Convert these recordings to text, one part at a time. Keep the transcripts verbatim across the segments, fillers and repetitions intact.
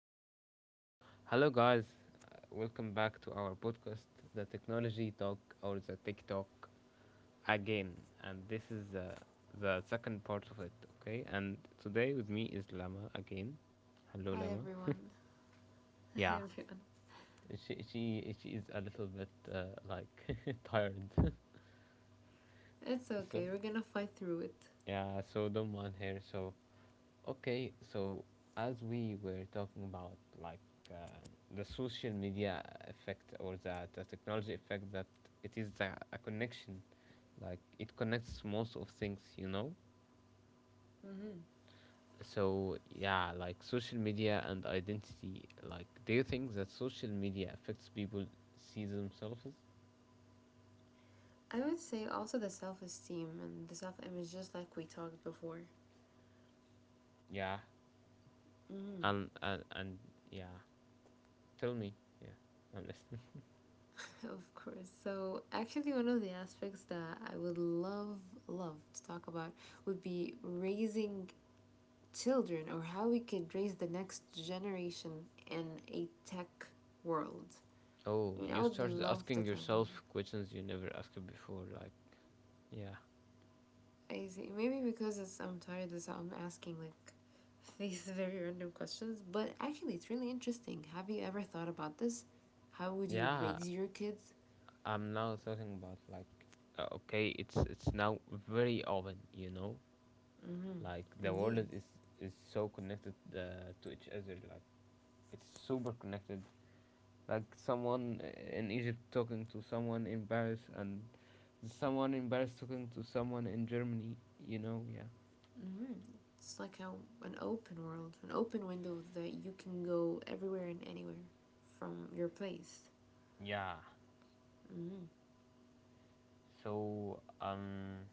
again. So hello guys, Uh, welcome back to our podcast, the Technology Talk or the TikTok again. And this is uh, the second part of it, okay? And today with me is Lama again. Hello, Hi Lama. everyone. Yeah, she she she is a little bit uh, like tired. It's So okay. We're gonna fight through it. yeah, so don't mind her. So okay, so as we were talking about, like uh, the social media effect, or the, the technology effect, that it is the, a connection, like it connects most of things, you know? Mm-hmm. So yeah, like social media and identity, like do you think that social media affects people see themselves? I would say also the self esteem and the self image, just like we talked before. Yeah, Mm-hmm. and and, and yeah, tell me. Yeah, I'm listening. Of course. So, actually, one of the aspects that I would love, love to talk about would be raising children or how we could raise the next generation in a tech world. I Oh, mean, I you would started love to asking talk about yourself this. questions you never asked before, like yeah. I see. Maybe because it's, I'm tired, so I'm asking like these very random questions. But actually, it's really interesting. Have you ever thought about this? How would you Yeah, raise your kids? I'm now talking about like uh, okay, it's it's now very open, you know, Mm-hmm. like the Indeed. world is is so connected uh, to each other, like it's super connected. Like someone in Egypt talking to someone in Paris, and someone in Paris talking to someone in Germany, you know, yeah. Mm-hmm. It's like how an open world, an open window that you can go everywhere and anywhere from your place. Yeah. Mm-hmm. So um,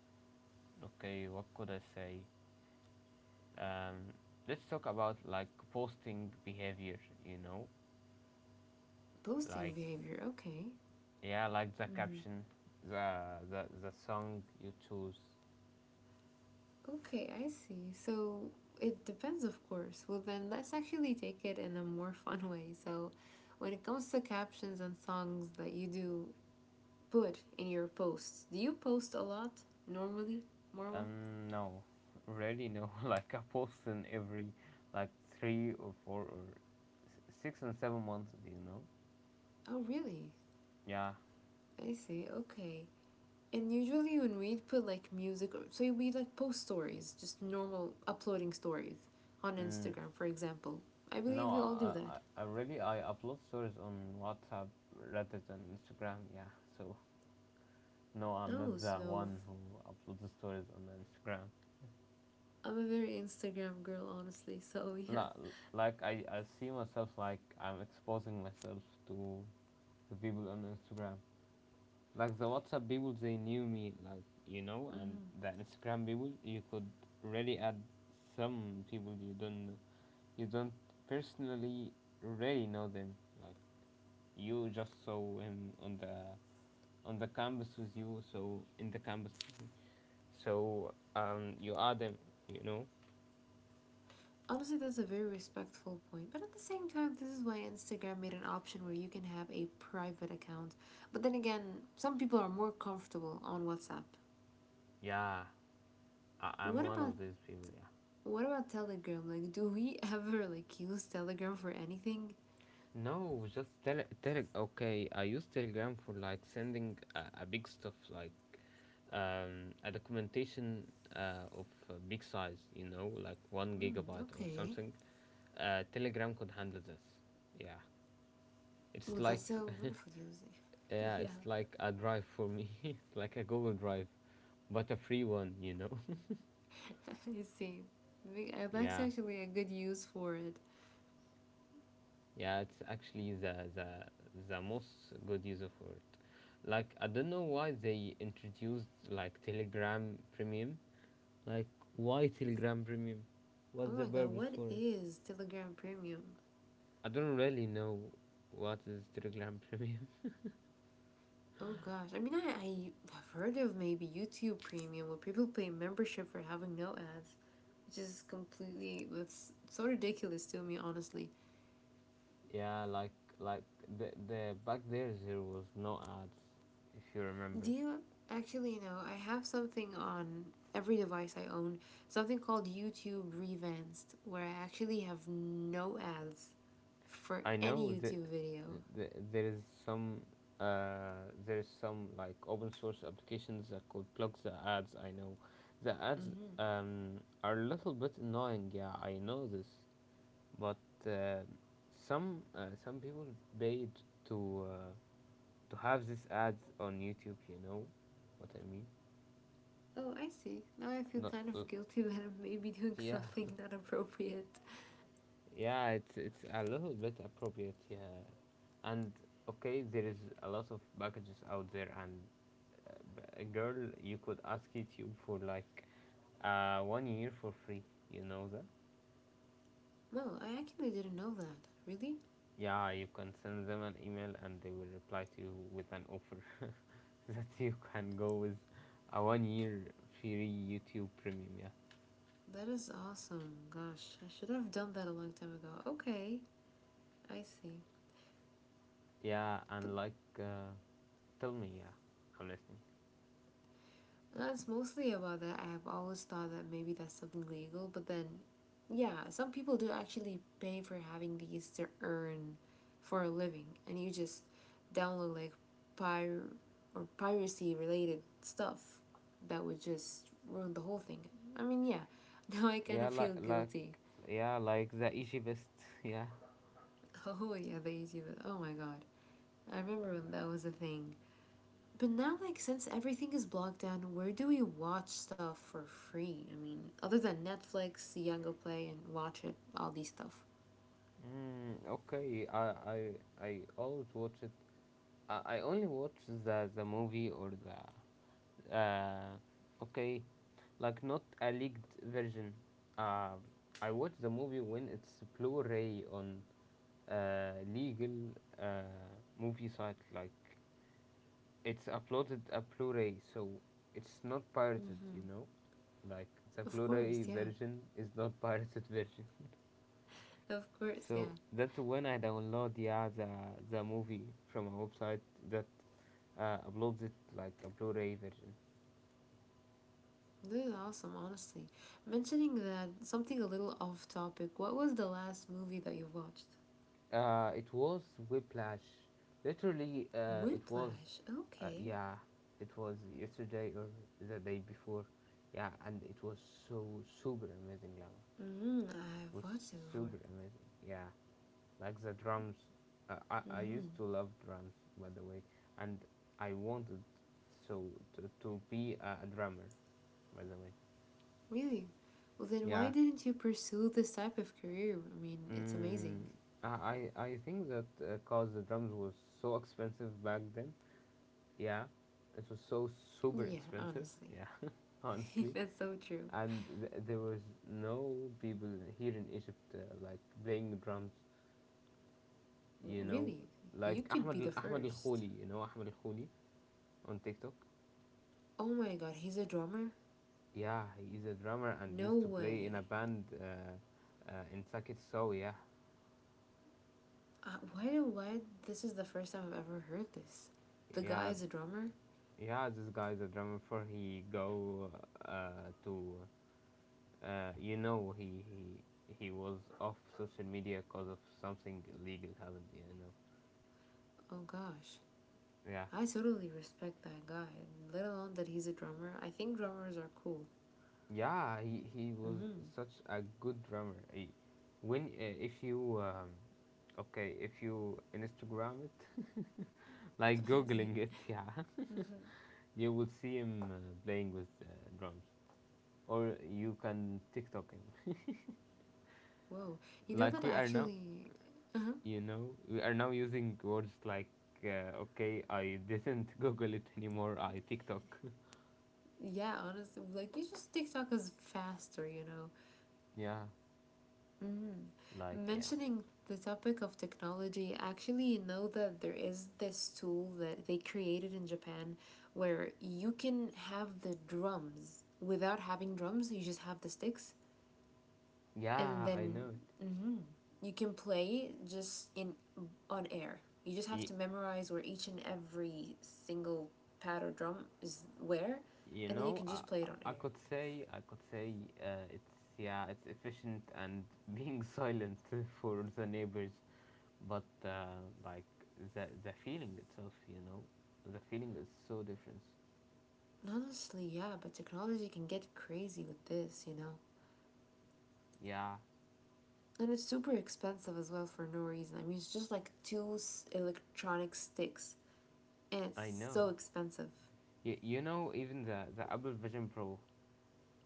okay, what could I say? Um, let's talk about like posting behavior. You know, Posting like behavior. Okay. yeah, like the caption, the the the song you choose. Okay, I see. So it depends, of course. Well, then let's actually take it in a more fun way. So, when it comes to captions and songs that you do put in your posts, do you post a lot normally, Marwan? Um, no, really no. Like I post in every like three or four or s- six and seven months. Do you know? Oh, really? Yeah. I see. Okay. And usually when we put like music, or so we like post stories, just normal uploading stories on Mm, Instagram, for example. I believe no, we all do I, that. I I really I upload stories on WhatsApp rather than Instagram. Yeah. So no, I'm Oh, not the so one who uploads the stories on Instagram. I'm a very Instagram girl, honestly. So yeah. La- like I I see myself, like I'm exposing myself to the people on Instagram, like the WhatsApp people, they knew me, like you know, and the Mm-hmm. Instagram people, you could really add some people you don't you don't personally really know them. Like you just saw him on the on the campus with you, so in the campus, with you. So um, you add them, you know. Honestly, that's a very respectful point. But at the same time, this is why Instagram made an option where you can have a private account. But then again, some people are more comfortable on WhatsApp. Yeah, I, I'm What one about of these people. Yeah. what about Telegram? Like, do we ever like use Telegram for anything? No, just tele tele okay, I use Telegram for like sending a, a big stuff like um a documentation uh of uh, big size, you know, like one Hmm. gigabyte or Okay. something. Uh, Telegram could handle this. Yeah. It's Well, that's a like wonderful use. yeah, yeah, it's like a drive for me. It's like a Google Drive, but a free one, you know. I see. We- uh, That's Yeah. actually a good use for it. Yeah, it's actually the the the most good use of word. Like I don't know why they introduced like Telegram Premium. Like why Telegram Premium? Oh What's the my god, purpose what for it? is Telegram Premium? I don't really know what is Telegram Premium. Oh gosh, I mean, I, I have heard of maybe YouTube Premium where people pay membership for having no ads, which is completely that's so ridiculous to me, honestly. Yeah, like like the the back there there was no ads, if you remember. Do you actually know? I have something on every device I own, something called YouTube Revanced, where I actually have no ads for I any know that, YouTube video. that there is some uh, there is some like open source applications that could block the ads. I know the ads Mm-hmm. um, are a little bit annoying. Yeah, I know this, but uh, some uh, some people paid to uh, to have these ads on YouTube. You know what I mean? Oh, I see. Now I feel Not kind uh, of guilty that I'm maybe doing yeah something not appropriate. yeah. It's it's a little bit appropriate. Yeah, and okay, there is a lot of packages out there, and a girl, you could ask YouTube for like uh, one year for free. You know that? No, I actually didn't know that. Really? Yeah, you can send them an email and they will reply to you with an offer that you can go with a one year free YouTube premium. Yeah, That is awesome. Gosh, I should have done that a long time ago. Okay, I see. yeah, But and like uh, tell me, yeah, I'm listening. that's mostly about that. I've always thought that maybe that's something legal, but then, yeah, some people do actually pay for having these to earn for a living, and you just download like pir or piracy related stuff that would just ruin the whole thing. I mean, yeah, now I kind Yeah, of like feel like guilty. yeah, like the Egypt. Yeah. Oh, yeah, the YouTube. Oh my god. I remember when that was a thing. But now, like, since everything is blocked down, where do we watch stuff for free? I mean, other than Netflix, Yango Play, and Watch It, all these stuff. Mm, okay, I I I always watch it. I, I only watch the the movie or the Uh, okay, like not a leaked version. Uh, I watched the movie when it's Blu-ray on uh, legal uh, movie site. Like it's uploaded a Blu-ray, so it's not pirated. You know, like the Of course, Blu-ray yeah. version is not pirated version. Of course, yeah. So that's when I download yeah the the movie from a website that uh, uploads it like a Blu-ray version. This is awesome, honestly. Mentioning that, something a little off topic, what was the last movie that you watched? Uh, it was whiplash. Literally, uh, it was, Whiplash, uh, okay. yeah, it was yesterday or the day before. Yeah, and it was so super amazing, Lama. Mm, I've It was watched it before. super amazing. Yeah, like the drums. Uh, I, I used to love drums, by the way, and I wanted so to, to be a, a drummer, by the way. Really? Well, then why Yeah. didn't you pursue this type of career? I mean, it's amazing. Mm, I I I think that because the drums was so expensive back then, yeah, it was so super Yeah, expensive. honestly. Yeah, honestly, That's so true. and th- there was no people here in Egypt uh, like playing drums. You know, Really? like You could be Ahmed the Al- Ahmed Al first. Khouli. You know Ahmed Al Khouli on TikTok. Oh my god, he's a drummer? Yeah, he is a drummer and No used to play in a way. band uh, uh, in Sakit. So yeah, Uh, why do why this is the first time I've ever heard this. The guy yeah, is a drummer? yeah. This guy is a drummer. Before he go uh, to uh, you know, he, he he was off social media because of something illegal happened, you know. Oh gosh. Yeah, I totally respect that guy, let alone that he's a drummer. I think drummers are cool. yeah, he, he was Mhm. such a good drummer. He- when uh, if you um, okay, if you instagram it like I see. googling it yeah you will see him uh, playing with uh, drums, or you can tiktok him Whoa. You know like that we are now, actually uh-huh. you know, we are now using words like uh, okay, I didn't google it anymore, I tiktok Yeah, honestly, like you just TikTok is faster, you know. yeah. Mm. Like yeah, Mentioning the topic of technology, I actually you know that there is this tool that they created in Japan where you can have the drums without having drums, you just have the sticks, and yeah, I then know it. mhm, you can play just in on air. You just have Y- to memorize where each and every single pad or drum is where, you and then you know, can I, just play it on I air. could say, I could say uh, it's yeah, it's efficient and being silent for the neighbors, but uh, like the the feeling itself, you know, the feeling is so different. Honestly, yeah, but technology can get crazy with this, you know? Yeah, And it's super expensive as well for no reason. I mean, it's just like two electronic sticks, and I it's so know. expensive. Y- you know, even the the Apple Vision Pro,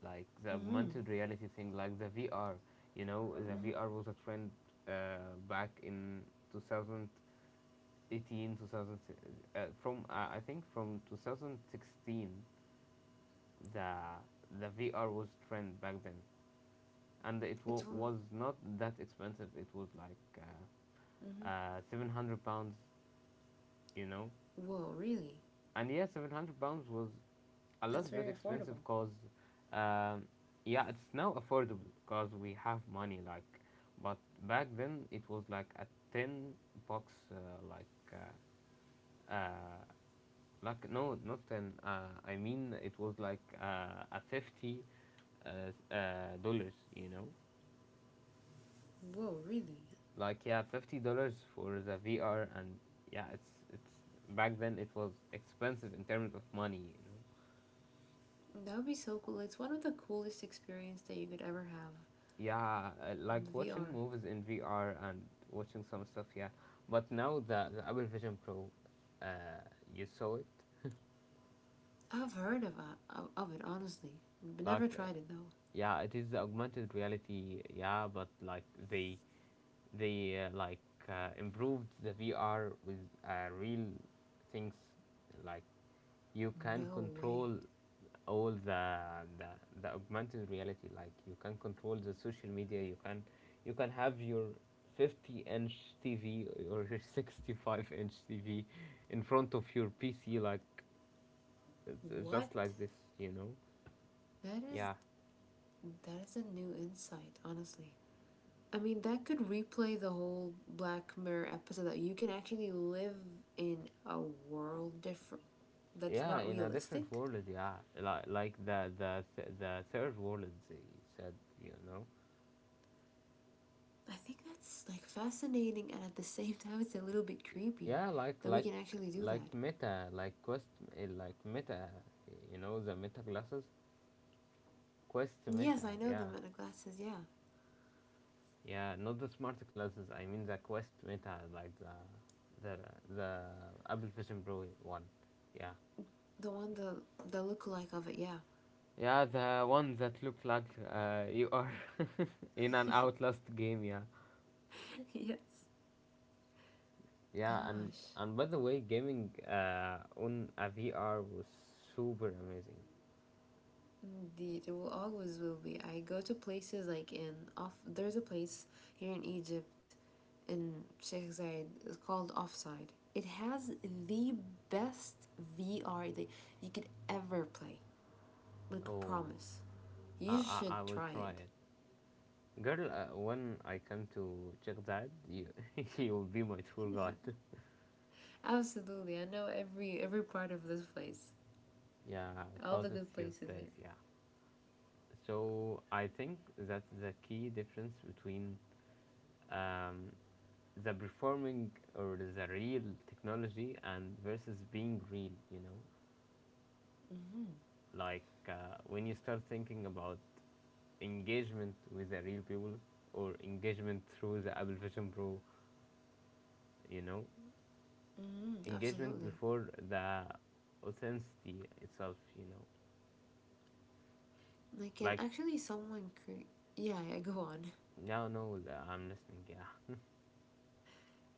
like the Mm-hmm. augmented reality thing, like the V R. You know, the Mm-hmm. V R was a trend uh, back in two thousand Eighteen two thousand, two thousand uh, from uh, I think from twenty sixteen the the vr was trend back then, and it wa It's whoa, was not that expensive. It was like uh, uh, seven hundred pounds, you know. whoa, really? And yeah, seven hundred pounds was a little That's bit very expensive affordable. because um, yeah, it's now affordable because we have money, like, but back then it was like a ten bucks, uh, like uh, uh, like, no, not ten, uh, I mean it was like uh, a fifty, uh, uh, dollars, you know. Whoa, really? Like yeah, fifty dollars for the VR. And yeah, it's it's back then it was expensive in terms of money, you know. That would be so cool. It's one of the coolest experience that you could ever have. Yeah uh, The like watching V R. movies in VR and watching some stuff, yeah. But now the, the Apple Vision Pro, uh, you saw it, I've heard of it, of it honestly, but never like uh, tried it though. yeah, it is augmented reality, yeah, but like they they uh, like uh, improved the VR with uh, real things, like you can No way. control all the, the the augmented reality. Like you can control the social media, you can you can have your fifty inch T V or your sixty-five inch T V in front of your P C, like it's- it's What? just like this, you know. That is Yeah, that is a new insight, honestly. I mean, that could replay the whole Black Mirror episode that you can actually live in a world different that's yeah, not in a different realistic. world, yeah, like like the the th- the third world, they said, you know. I think that's like fascinating and at the same time it's a little bit creepy Yeah, like that we like can actually do like that. meta like quest eh, like meta, you know, the meta glasses, quest Yes, meta, I know the yeah. man of glasses, yeah. Yeah, not the smart glasses, I mean the quest meta, like the the the Apple Vision Pro one, yeah. The one the the lookalike of it, yeah. Yeah, the one that look like uh, you are in an outlast game, yeah. yes. Yeah, and Gosh. and by the way, gaming uh, on a V R was super amazing. Indeed, it will always will be. I go to places like in off. There's a place here in Egypt, in Sheikh Zayed. It's called Offside. It has the best V R that you could ever play. Like Oh, promise, you I, should I, I will try try it. it. Girl, uh, when I come to Chagdad, you you will be my tour guide. Absolutely, I know every every part of this place. Yeah, All cause the good it's your places place. here. Yeah. So I think that's the key difference between um, the performing or the real technology and versus being real. You know, like uh, when you start thinking about engagement with the real people or engagement through the Apple Vision Pro, you know, Mm, engagement absolutely. before the authenticity itself, you know, Like, can like actually someone create? Yeah, yeah. Go on. now, no, the- I'm listening, yeah.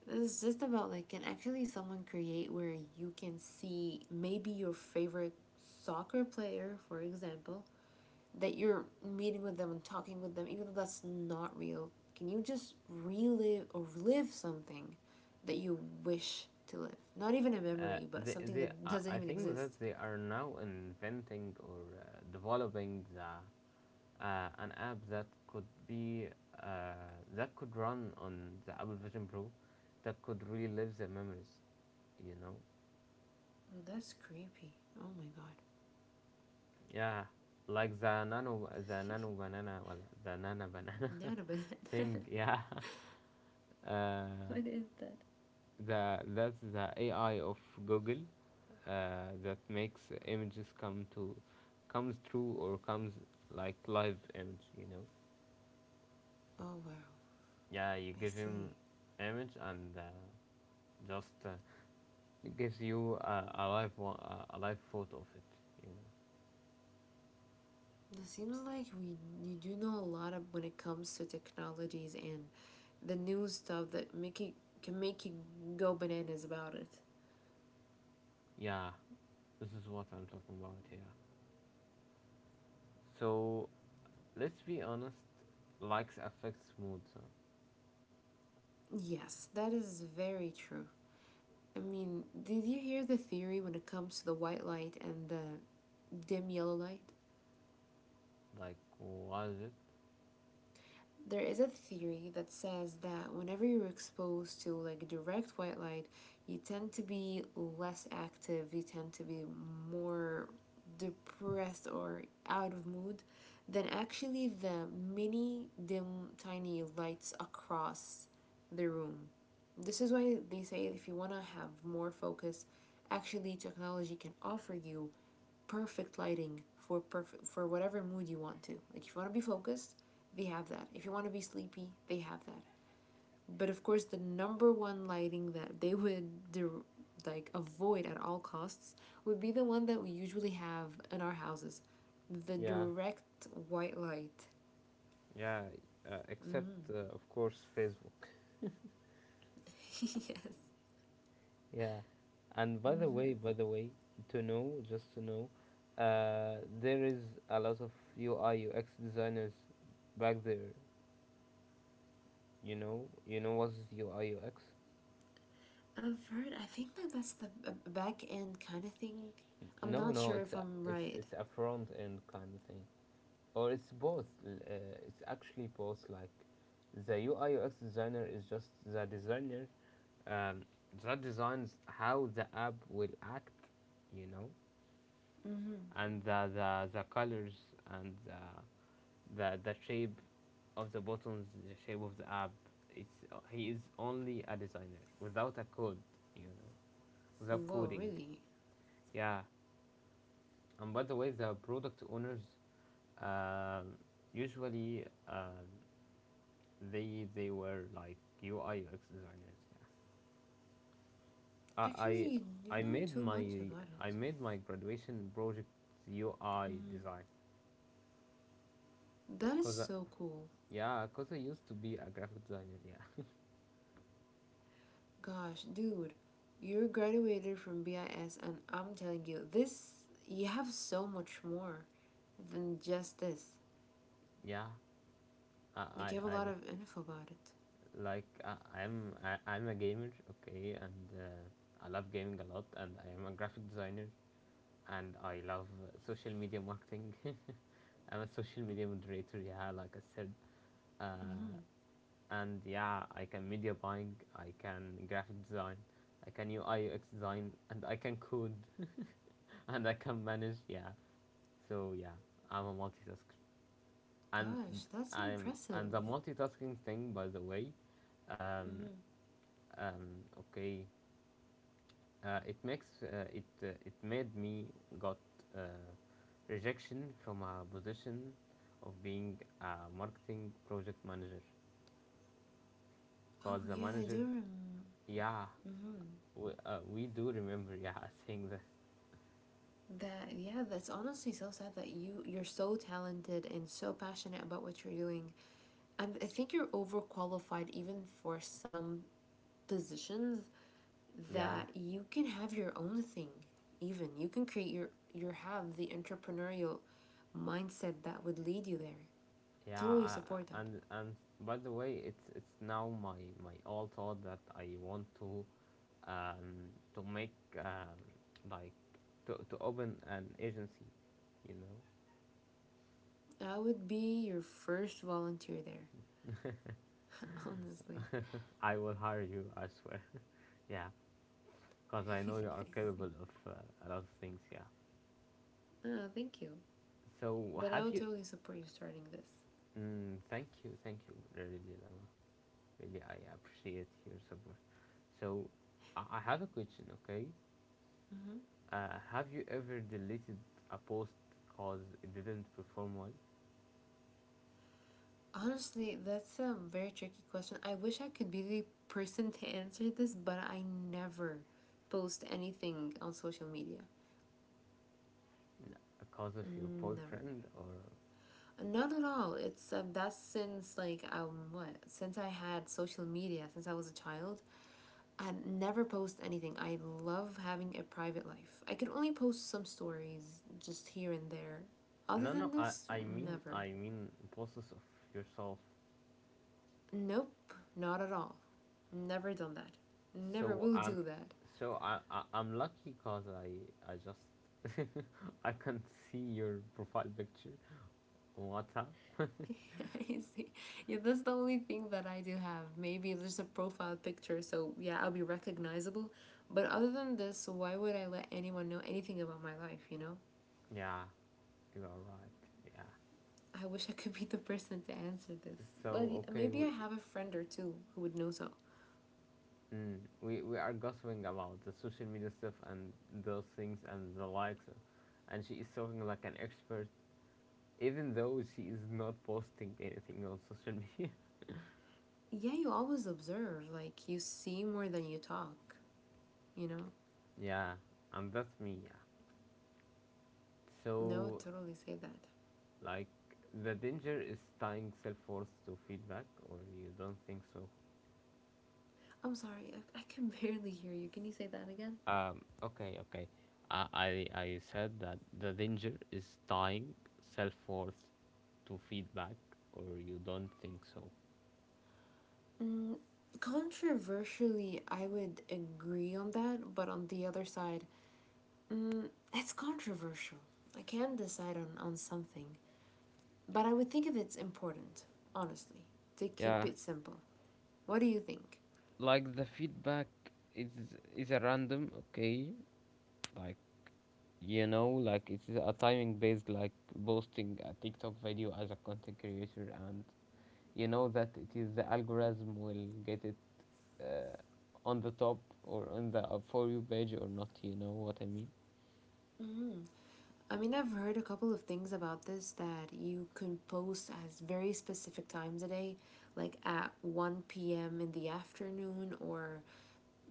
This is just about like can actually someone create where you can see maybe your favorite soccer player, for example, that you're meeting with them and talking with them, even though that's not real. Can you just relive or live something that you wish to live? Not even a Uh, memory, but they, something they, that I doesn't I even think that exist. they are now inventing or uh, developing the uh, an app that could be uh, that could run on the Apple Vision Pro, that could relive the memories, you know. Oh, that's creepy. Oh my god. Yeah, like the nano the nano banana well, the nana banana Not a bit. thing. Yeah, uh, the that's the A I of Google uh, that makes images come to comes true or comes like live image, you know. Oh wow. Yeah, you I give see. him image and uh, just uh, it gives you a, a live one, a, live photo of it. You know. It seems like we you do know a lot of when it comes to technologies and the new stuff that make you, can make you go bananas about it. Yeah, this is what I'm talking about here. So let's be honest. Likes affects moods. Huh? Yes, that is very true. I mean, did you hear the theory when it comes to the white light and the dim yellow light? Like what is it? There is a theory that says that whenever you're exposed to like direct white light, you tend to be less active, you tend to be more depressed or out of mood than actually the mini dim tiny lights across the room. This is why they say if you want to have more focus, actually technology can offer you perfect lighting for perfect for whatever mood you want to. Like if you want to be focused, they have that. If you want to be sleepy, they have that. But of course, the number one lighting that they would do, like avoid at all costs would be the one that we usually have in our houses, the Yeah, direct white light. yeah, uh, except uh, of course Facebook. Yeah. And by the way, by the way, to know, just to know, uh, there is a lot of U I U X designers back there. You know, you know what's U I U X? I've heard. I think that that's the back end kind of thing. I'm No, not no, sure it's if a, I'm it's right. it's a front end kind of thing, or it's both. L- Uh, it's actually both. Like, the U I U X designer is just the designer um, that designs how the app will act, you know, and the the, the colors and the, the the shape of the buttons, the shape of the app. It's uh, he is only a designer without a code, you know, without Whoa, coding. really? Yeah. And by the way, the product owners um usually um they they were like U I designers. Yeah, Actually, I, you, you I I know made too my much about I it. made my graduation project U I Mm-hmm. design That is because so cool. yeah, because I used to be a graphic designer. Yeah, Gosh, dude, you graduated from B I S, and I'm telling you, this you have so much more than just this. yeah. I Like I, you have a I lot of info about it. like I, I'm I, I'm a gamer. Okay, and uh, I love gaming a lot, and I am a graphic designer, and I love uh, social media marketing. I'm a social media moderator, yeah, like I said. Uh, Mm-hmm. and yeah, I can media buying, I can graphic design, I can U I design, and I can code, and I can manage, yeah. So yeah, I'm a multitasker, and Gosh, that's I'm and impressive. the multitasking thing, by the way, um, Mm-hmm. um, okay, uh, it makes uh, it uh, it made me got uh, rejection from a position of being a marketing project manager Oh because the yeah, I do manager remember. yeah Mm-hmm. we, uh, we do remember yeah saying that That yeah, that's honestly so sad that you you're so talented and so passionate about what you're doing. And I think you're overqualified even for some positions yeah that you can have your own thing even you can create your your have the entrepreneurial mindset that would lead you there. yeah. Totally uh, support that. and and by the way, it's it's now my my all thought that I want to um to make um like to, to open an agency, you know. I would be your first volunteer there, honestly. I will hire you, I swear. Yeah, because I know you are capable of uh, a lot of things, yeah. Oh, thank you. So, But I have would you. totally support you starting this. Mm, thank you, thank you, really, Lama. Really, I appreciate your support. So, I, I have a question, okay? Mm-hmm. Uh, have you ever deleted a post because it didn't perform well? Honestly, that's a very tricky question. I wish I could be the person to answer this, but I never post anything on social media. N- Because of your Mm, never. boyfriend or. Not at all. It's um, that's since like um what since I had social media since I was a child. I never post anything. I love having a private life. I can only post some stories just here and there. Other No, than no, I, this, I mean, never. I mean, posts of yourself. Nope, not at all. Never done that. Never So will I'm, do that. so I, I I'm lucky cause I I just I can see your profile picture on WhatsApp. I see. Yeah, that's the only thing that I do have. Maybe there's a profile picture, so yeah, I'll be recognizable. But other than this, why would I let anyone know anything about my life, you know? Yeah, you are right. Yeah. I wish I could be the person to answer this. But So okay, maybe we I have a friend or two who would know so. mm, we we are gossiping about the social media stuff and those things and the likes, and she is talking like an expert, even though she is not posting anything on social media. Yeah, you always observe, like, you see more than you talk, you know? Yeah, and that's me. Yeah. No, So, totally say that. like the danger is tying self worth to feedback, or you don't think so? I'm sorry, I, I can barely hear you. Can you say that again? Um, okay, okay. I, I, I said that the danger is tying self worth to feedback, or you don't think so. Mm, controversially, I would agree on that, but on the other side, mm, it's controversial. I can't decide on, on something, but I would think if it's important, honestly, to keep Yeah, it simple. What do you think? like the feedback is is a random, okay? Like, you know, like it's a timing based, like posting a TikTok video as a content creator, and you know that it is the algorithm will get it on the top or on the uh, for you page or not, you know what I mean. I mean, I've heard a couple of things about this that you can post at very specific times a day, like at one p m in the afternoon or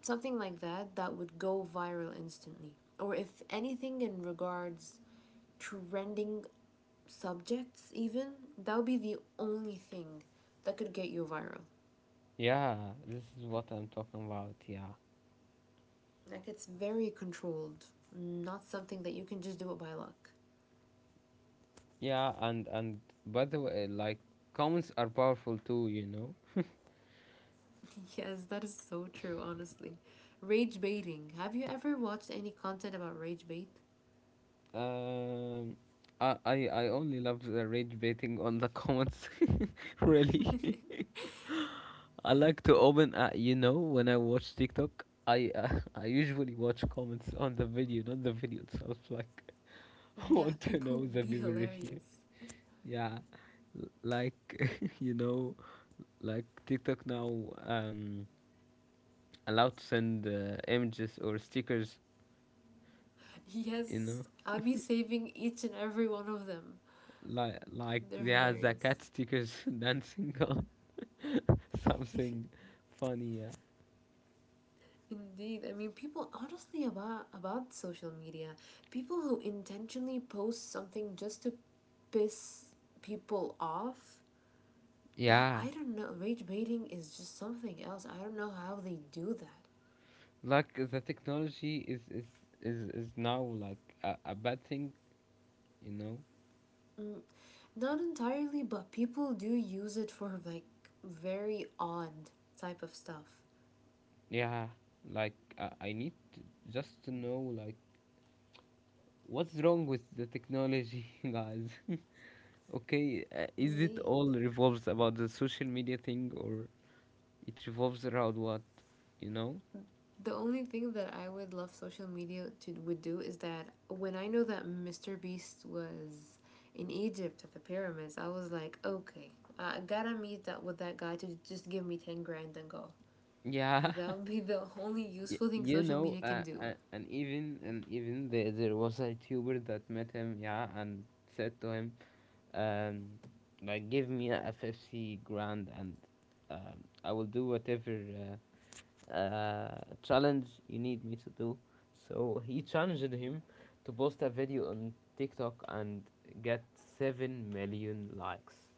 something like that that would go viral instantly, or if anything in regards trending subjects, even that would be the only thing that could get you viral. Yeah, this is what I'm talking about, yeah. Like, it's very controlled, not something that you can just do it by luck. Yeah, and and by the way, like comments are powerful too, you know. Yes, that is so true. Honestly, rage baiting, have you ever watched any content about rage bait? um i i, I only love the rage baiting on the comments. Really. I like to open. Uh, you know, when I watch TikTok, I uh, I usually watch comments on the video, not the video itself. Like, I Yeah, want to know people the be people review. hilarious. Yeah, l- like you know, like TikTok now um allowed to send uh, images or stickers. You Yes, know, I'll be saving each and every one of them. like like They're they have the hilarious. cat stickers dancing on something funny. Yeah. Indeed. I mean, people honestly about about social media, people who intentionally post something just to piss people off, that Yeah. I don't know, rage baiting is just something else. I don't know how they do that. Like the technology is is is, is now like a, a bad thing, you know? Mm, not entirely, but people do use it for like very odd type of stuff. Yeah, like uh, I need to, just to know, like what's wrong with the technology, guys. Okay, uh, is it Indeed. all revolves about the social media thing, or it revolves around what, you know? The only thing that I would love social media to would do is that when I know that Mister Beast was in Egypt at the pyramids, I was like, okay, I gotta meet that with that guy to just give me ten grand and go. Yeah. That would be the only Y- useful thing You social know, media can uh, do. uh, and even and even there, there was a YouTuber that met him, yeah, and said to him, um, like, give me a fifty grand, and um, I will do whatever uh, uh, challenge you need me to do. So he challenged him to post a video on TikTok and get seven million likes.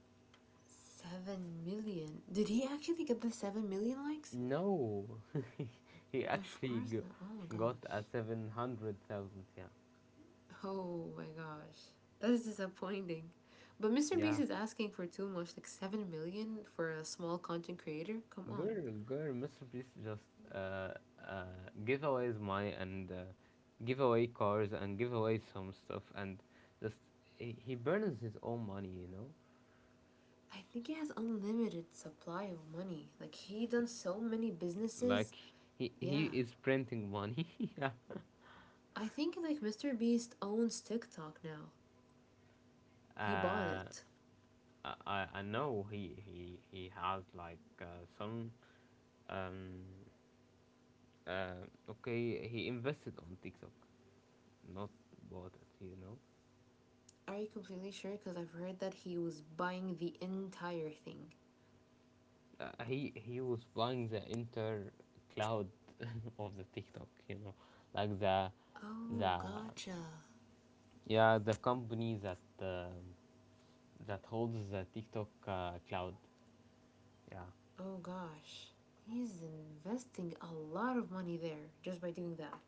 Seven million. Did he actually get the seven million likes? No, he Of actually course g- not. Oh my got gosh. a seven hundred thousand. Yeah, Oh my gosh, that is disappointing. But Mister Beast yeah. is asking for too much, like seven million for a small content creator? Come on. Girl, girl, Mister Beast just uh, uh, give away his money and uh, give away cars and give away some stuff, and just he, he burns his own money, you know, I think he has unlimited supply of money. Like, he done so many businesses. like he he Yeah. is printing money. Yeah. I think like Mister Beast owns TikTok now. He bought Uh, it. I I I know he he he has like uh, some um uh okay, he invested on TikTok, not bought it, you know. Are you completely sure? Because I've heard that he was buying the entire thing. Uh, he he was flying the inter cloud of the TikTok, you know, like the Oh, the gotcha. yeah the company that uh, that holds the TikTok uh, cloud. Yeah, Oh gosh. He's investing a lot of money there just by doing that.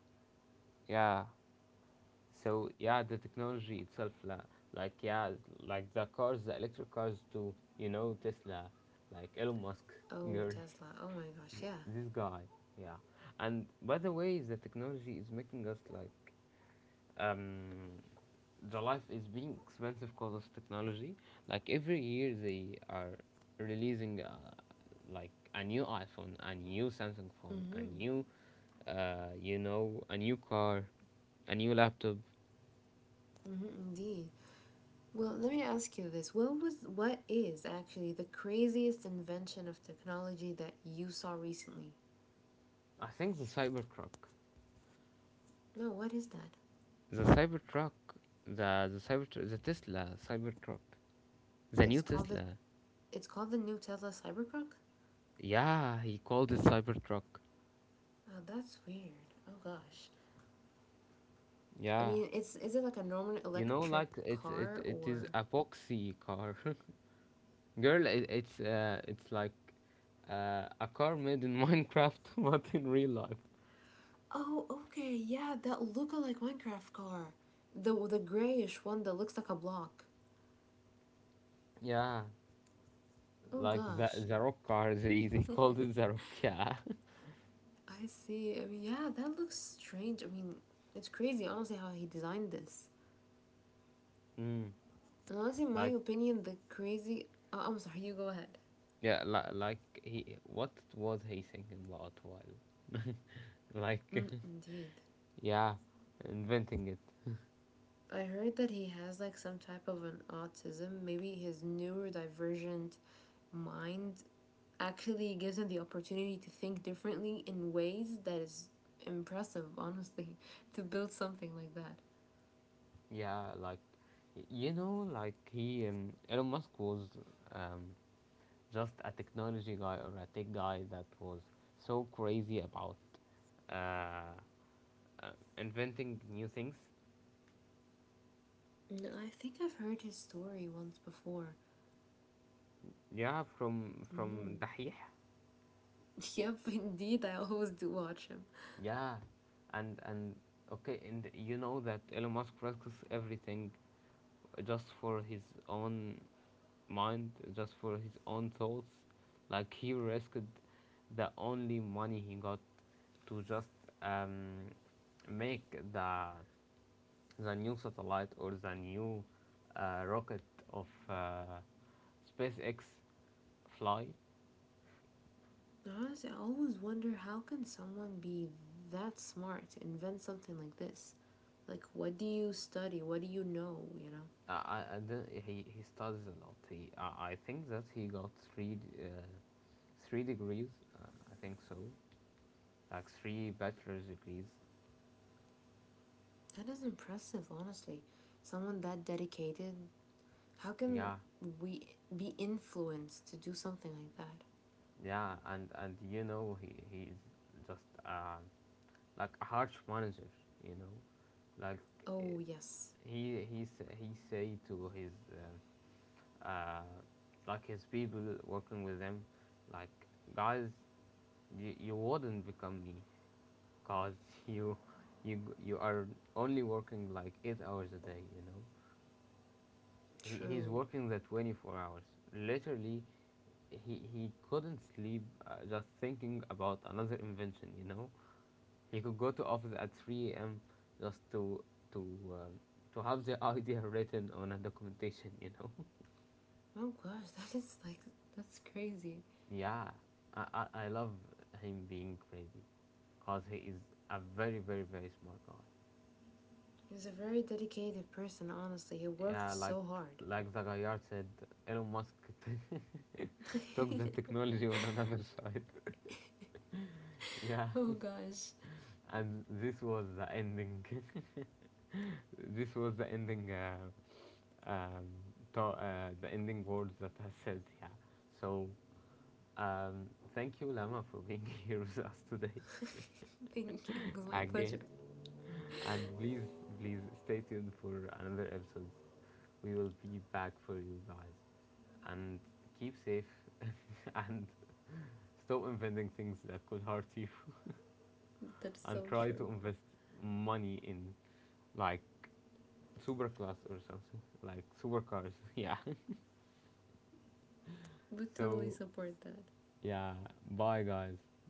yeah. So yeah, the technology itself, la, like yeah, like the cars, the electric cars too. You know, Tesla, like Elon Musk, Oh, girl, Tesla. Oh my gosh, yeah. this guy. Yeah, and by the way, the technology is making us like um, the life is being expensive because of technology. Like every year, they are releasing uh, like a new iPhone, a new Samsung phone, a Mm-hmm. new, uh, you know, a new car, a new laptop. Mm-hmm, indeed. Well, let me ask you this. What was, what is actually the craziest invention of technology that you saw recently? I think the Cybertruck, No, what is that? the Cybertruck, the the Cyber the Tesla Cybertruck, the It's new called the, Tesla. it's called the new Tesla Cybertruck? Yeah, he called it Cybertruck. Oh, that's weird. Oh gosh. I Yeah, mean, it's, is it like a normal you know, electric like it it, car it is or a boxy car. Girl, it, it's uh, it's like uh, a car made in Minecraft, but in real life. Oh, okay. Yeah, that look-alike Minecraft car. The the grayish one that looks like a block. Yeah, Oh like the gosh. the rock car. They they called it the rock. Yeah. I see. I mean, yeah, that looks strange. I mean, it's crazy, honestly, how he designed this. Mm. Honestly, in my Like opinion, the crazy. Oh, I'm sorry, you go ahead. yeah, li- like he. What was he thinking about while, like, Mm, indeed. yeah, inventing it. I heard that he has like some type of an autism. Maybe his neurodivergent mind actually gives him the opportunity to think differently in ways that is impressive, honestly, to build something like that. Yeah, like, y- you know, like he um, Elon Musk was um just a technology guy or a tech guy that was so crazy about uh uh, inventing new things. No, I think I've heard his story once before. Yeah, from from Hmm. Dahih. Yep, indeed, I always do watch him. Yeah, and and okay, and you know that Elon Musk risks everything just for his own mind, just for his own thoughts. Like he risked the only money he got to just um, make the the new satellite or the new uh, rocket of uh, SpaceX fly. Honestly, I always wonder how can someone be that smart to invent something like this? Like, what do you study? What do you know? You know, I, I, I don't- He he studies a lot. He I, I think that he got three d- uh, three degrees. Uh, I think so, like three bachelor's degrees. that is impressive. Honestly, someone that dedicated. How can Yeah, we be influenced to do something like that? yeah, and and you know he he's just uh, like a harsh manager. You know, like uh, Oh yes, he he sa- he say to his uh, uh, like his people working with him, like guys, you you wouldn't become me, cause you you you are only working like eight hours a day, you know. He, he's true. working the twenty-four hours literally. He he couldn't sleep, uh, just thinking about another invention, you know. He could go to office at three a.m. just to to uh, to have the idea written on a documentation, you know. Oh gosh, that is like that's crazy. Yeah, I, I I love him being crazy because he is a very very very smart guy. He's a very dedicated person. Honestly, he worked Yeah, like so hard. like the Gaillard said, Elon Musk took the technology on another side. Yeah, Oh gosh. and this was the ending. This was the ending. Uh, um, to, uh, the ending words that I said. Yeah. So um, thank you, Lama, for being here with us today Thank you. It was my pleasure. again. And please, please stay tuned for another episode. We will be back for you guys. And keep safe and stop inventing things that could hurt you That's and so try true. to invest money in like super class or something like supercars. Yeah. We totally So support that. yeah, bye guys.